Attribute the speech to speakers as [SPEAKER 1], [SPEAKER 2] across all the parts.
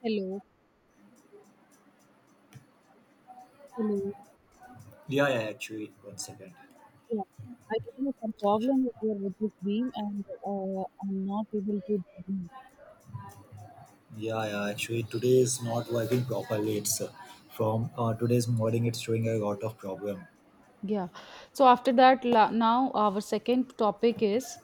[SPEAKER 1] Hello, hello.
[SPEAKER 2] 1 second.
[SPEAKER 1] Yeah, I think there's some problem is there with this beam, and I'm not able to.
[SPEAKER 2] Today is not working properly. It's from Today's morning, it's showing a lot of problem.
[SPEAKER 1] Yeah. So after that, now our second topic is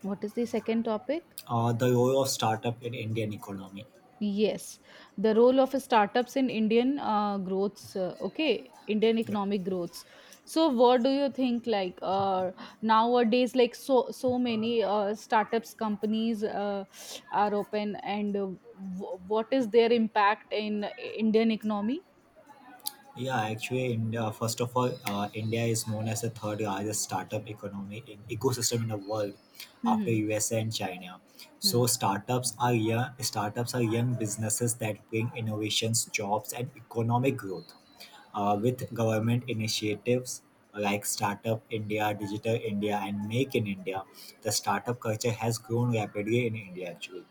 [SPEAKER 1] what is the second topic?
[SPEAKER 2] The role of startup in Indian economy.
[SPEAKER 1] Yes, the role of startups in Indian growths, okay, Indian
[SPEAKER 2] Yeah.
[SPEAKER 1] economic growths. So, what do you think? Like nowadays, like so many startups companies are open, and what is their impact in Indian economy?
[SPEAKER 2] India, India is known as the third largest startup economy in ecosystem in the world
[SPEAKER 1] Hmm,
[SPEAKER 2] after
[SPEAKER 1] hmm,
[SPEAKER 2] USA and China.
[SPEAKER 1] hmm.
[SPEAKER 2] So startups are young businesses that bring innovations, jobs, and economic growth. With government initiatives like Startup India, Digital India, and Make in India, the startup culture has grown rapidly in India actually.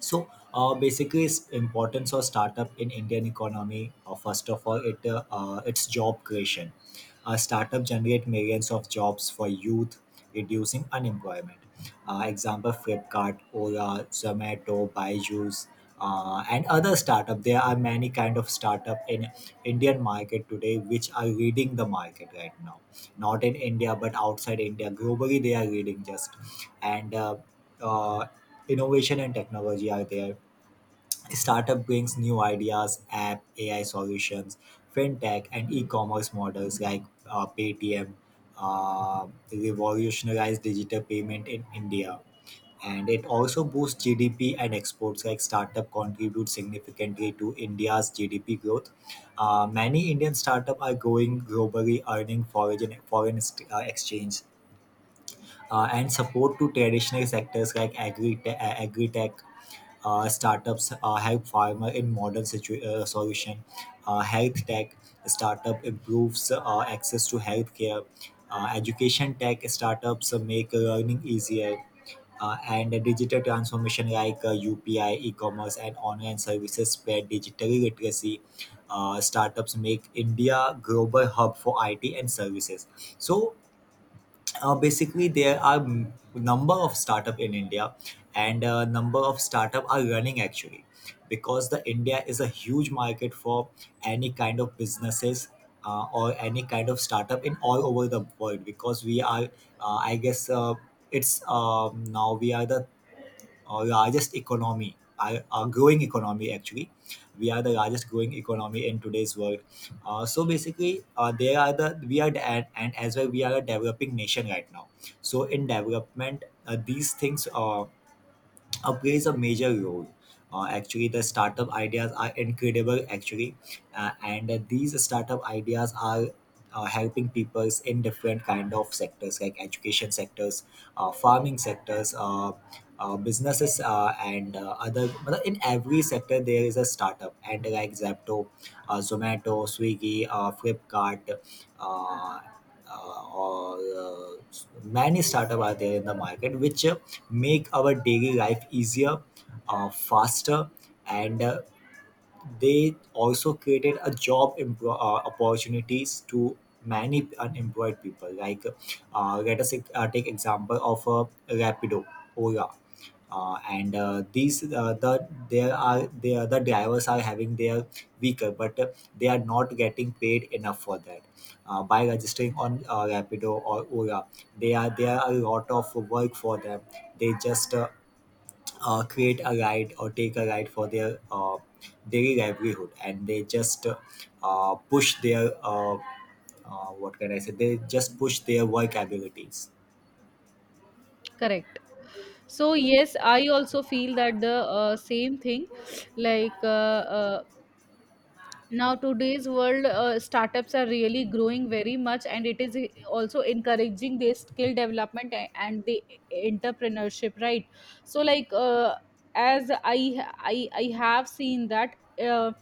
[SPEAKER 2] Basically, its importance of startup in Indian economy, first of all, it its job creation. Startup generate millions of jobs for youth, reducing unemployment. Example, Flipkart, Ola, Zomato, Byju's, and other startup. There are many kind of startup in Indian market today which are leading the market right now, not in India but outside India globally. They are leading just. And uh, Innovation and technology are there. Startup brings new ideas, app, AI solutions, fintech, and e-commerce models like Paytm revolutionized digital payment in India. And it also boosts GDP and exports. Like startup contribute significantly to India's GDP growth. Many Indian startup are growing globally, earning exchange. And support to traditional sectors like agri tech, startups help farmer in solution. Health tech startup improves access to healthcare. Education tech startups make learning easier. And the digital transformation like UPI, e-commerce, and online services spread digital literacy. Startups make India global hub for IT and services. So Basically, there are number of startup in India, and number of startup are running actually, because the India is a huge market for any kind of businesses, or any kind of startup in all over the world. Because we are, I guess it's now we are the or largest economy, our growing economy actually. We are the largest growing economy in today's world. So basically, they are the we are the, and as well We are a developing nation right now. So in development, these things upgrade is a major role. The startup ideas are incredible. Actually, and these startup ideas are helping peoples in different kind of sectors, like education sectors, farming sectors, businesses, and other. But In every sector, there is a startup, and like Zapto, Zomato, Swiggy, Flipkart. Uh, or Many startup are there in the market which make our daily life easier, faster, and they also created a opportunities to many unemployed people. Like, let us take example of Rapido, Ola. And these the there are there The drivers are having their vehicle, but they are not getting paid enough for that. By registering on Rapido or Ola, they are there are a lot of work for them. They just create a ride or take a ride for their daily livelihood, and they just push their what can I say they just push their work abilities.
[SPEAKER 1] Correct. So yes, I also feel that the same thing, like now today's world startups are really growing very much, and it is also encouraging their skill development and the entrepreneurship, right? So like as I have seen that uh,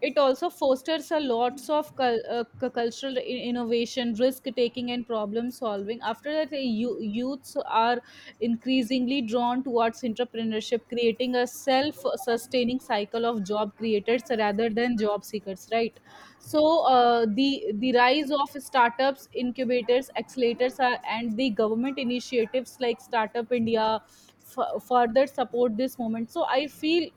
[SPEAKER 1] it also fosters a lots of cultural innovation, risk taking, and problem solving. After that, youths are increasingly drawn towards entrepreneurship, creating a self sustaining cycle of job creators rather than job seekers, right? So, the rise of startups, incubators, accelerators, are, and the government initiatives like Startup India further support this moment. So, I feel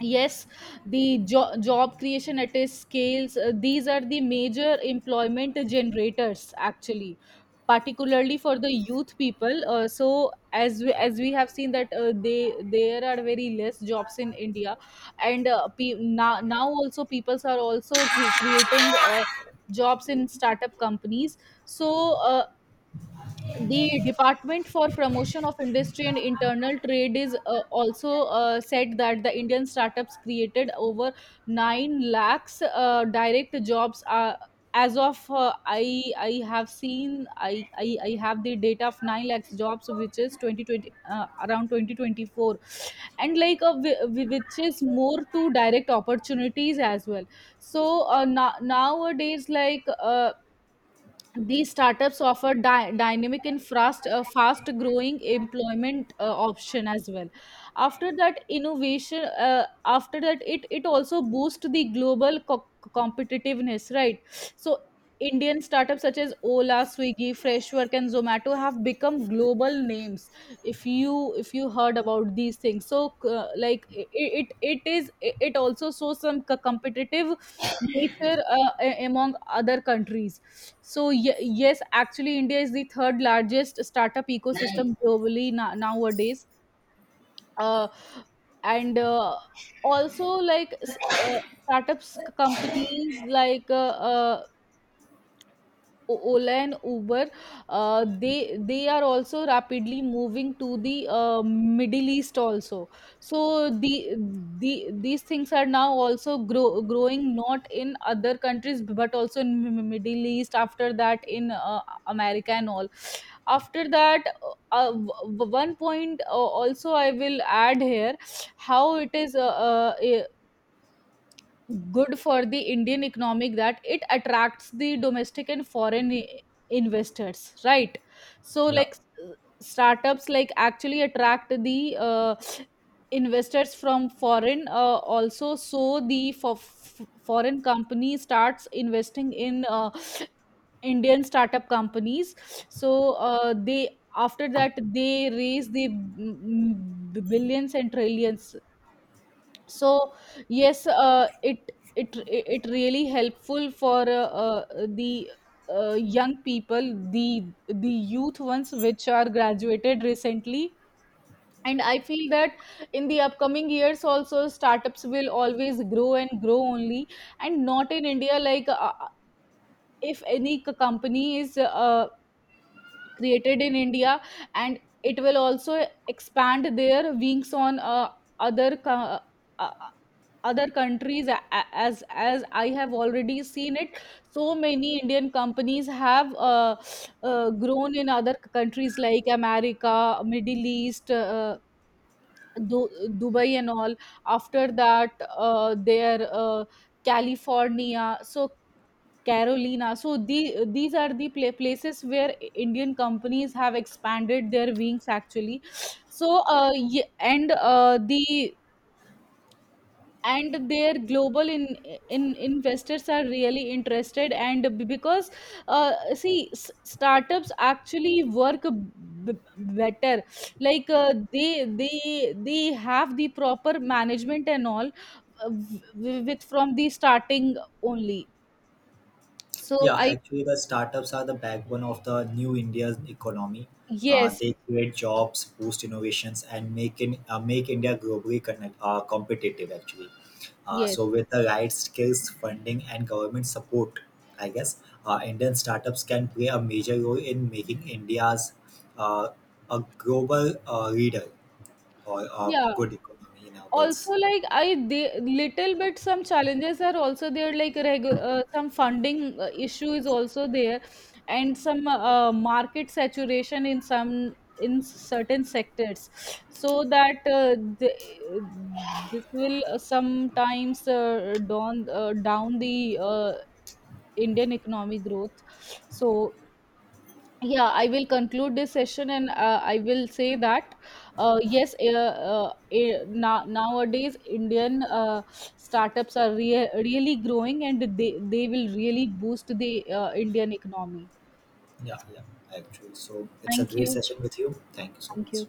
[SPEAKER 1] yes, the job creation at a scales, these are the major employment generators actually, particularly for the youth people. So as we have seen that they there are very less jobs in india, and now also peoples are also creating jobs in startup companies. So the department for promotion of industry and internal trade is also said that the indian startups created over 9 lakhs direct jobs, as of I have seen. I have the data of 9 lakhs jobs which is 2020, around 2024, and like which is more to direct opportunities as well. So nowadays, like these startups offer dynamic and fast growing employment option as well. After that innovation, after that it also boosts the global competitiveness, right? So Indian startups such as Ola, Swiggy, Freshwork, and Zomato have become global names. If you heard about these things, so like it is it also shows some competitive nature among other countries. So yes, actually, India is the third largest startup ecosystem globally nowadays. Uh, and also like startups companies like Ola and Uber, they are also rapidly moving to the Middle East also. So the these things are now also growing not in other countries but also in Middle East. After that, in America and all. After that, one point also I will add here how it is uh, good for the Indian economic, that it attracts the domestic and foreign investors, right? So
[SPEAKER 2] Yeah.
[SPEAKER 1] like startups, like actually attract the investors from foreign also. So the foreign company starts investing in Indian startup companies. So they after that they raise the billions and trillions. So yes, it really helpful for the young people, the youth ones which are graduated recently. And I feel that in the upcoming years also startups will always grow and grow only. And not in india, like if any company is created in India, and it will also expand their wings on other uh, other countries, as I have already seen it. So many Indian companies have grown in other countries like America, Middle East, Dubai and all. After that their California, so Carolina. So the these are the places where Indian companies have expanded their wings actually. So and their global in investors are really interested. And because see startups actually work better, like they have the proper management and all, with from the starting only. So I
[SPEAKER 2] The startups are the backbone of the new India's economy.
[SPEAKER 1] yes.
[SPEAKER 2] They create jobs, boost innovations, and make India globally competitive. Actually,
[SPEAKER 1] Yes.
[SPEAKER 2] with the right skills, funding, and government support, Indian startups can play a major role in making India's uh, a global leader or a
[SPEAKER 1] Yeah.
[SPEAKER 2] good economy in our
[SPEAKER 1] Also,
[SPEAKER 2] words.
[SPEAKER 1] like I they little bit some challenges are also there, like regu some funding issue is also there, and some market saturation in some in certain sectors. So that this will sometimes down the Indian economic growth. So yeah, I will conclude this session, and I will say that yes, nowadays Indian startups are really growing, and they will really boost the Indian economy.
[SPEAKER 2] Yeah, yeah, actually. So it's a
[SPEAKER 1] Thank
[SPEAKER 2] great
[SPEAKER 1] you.
[SPEAKER 2] session with you. Thank you so
[SPEAKER 1] Thank
[SPEAKER 2] much.
[SPEAKER 1] you.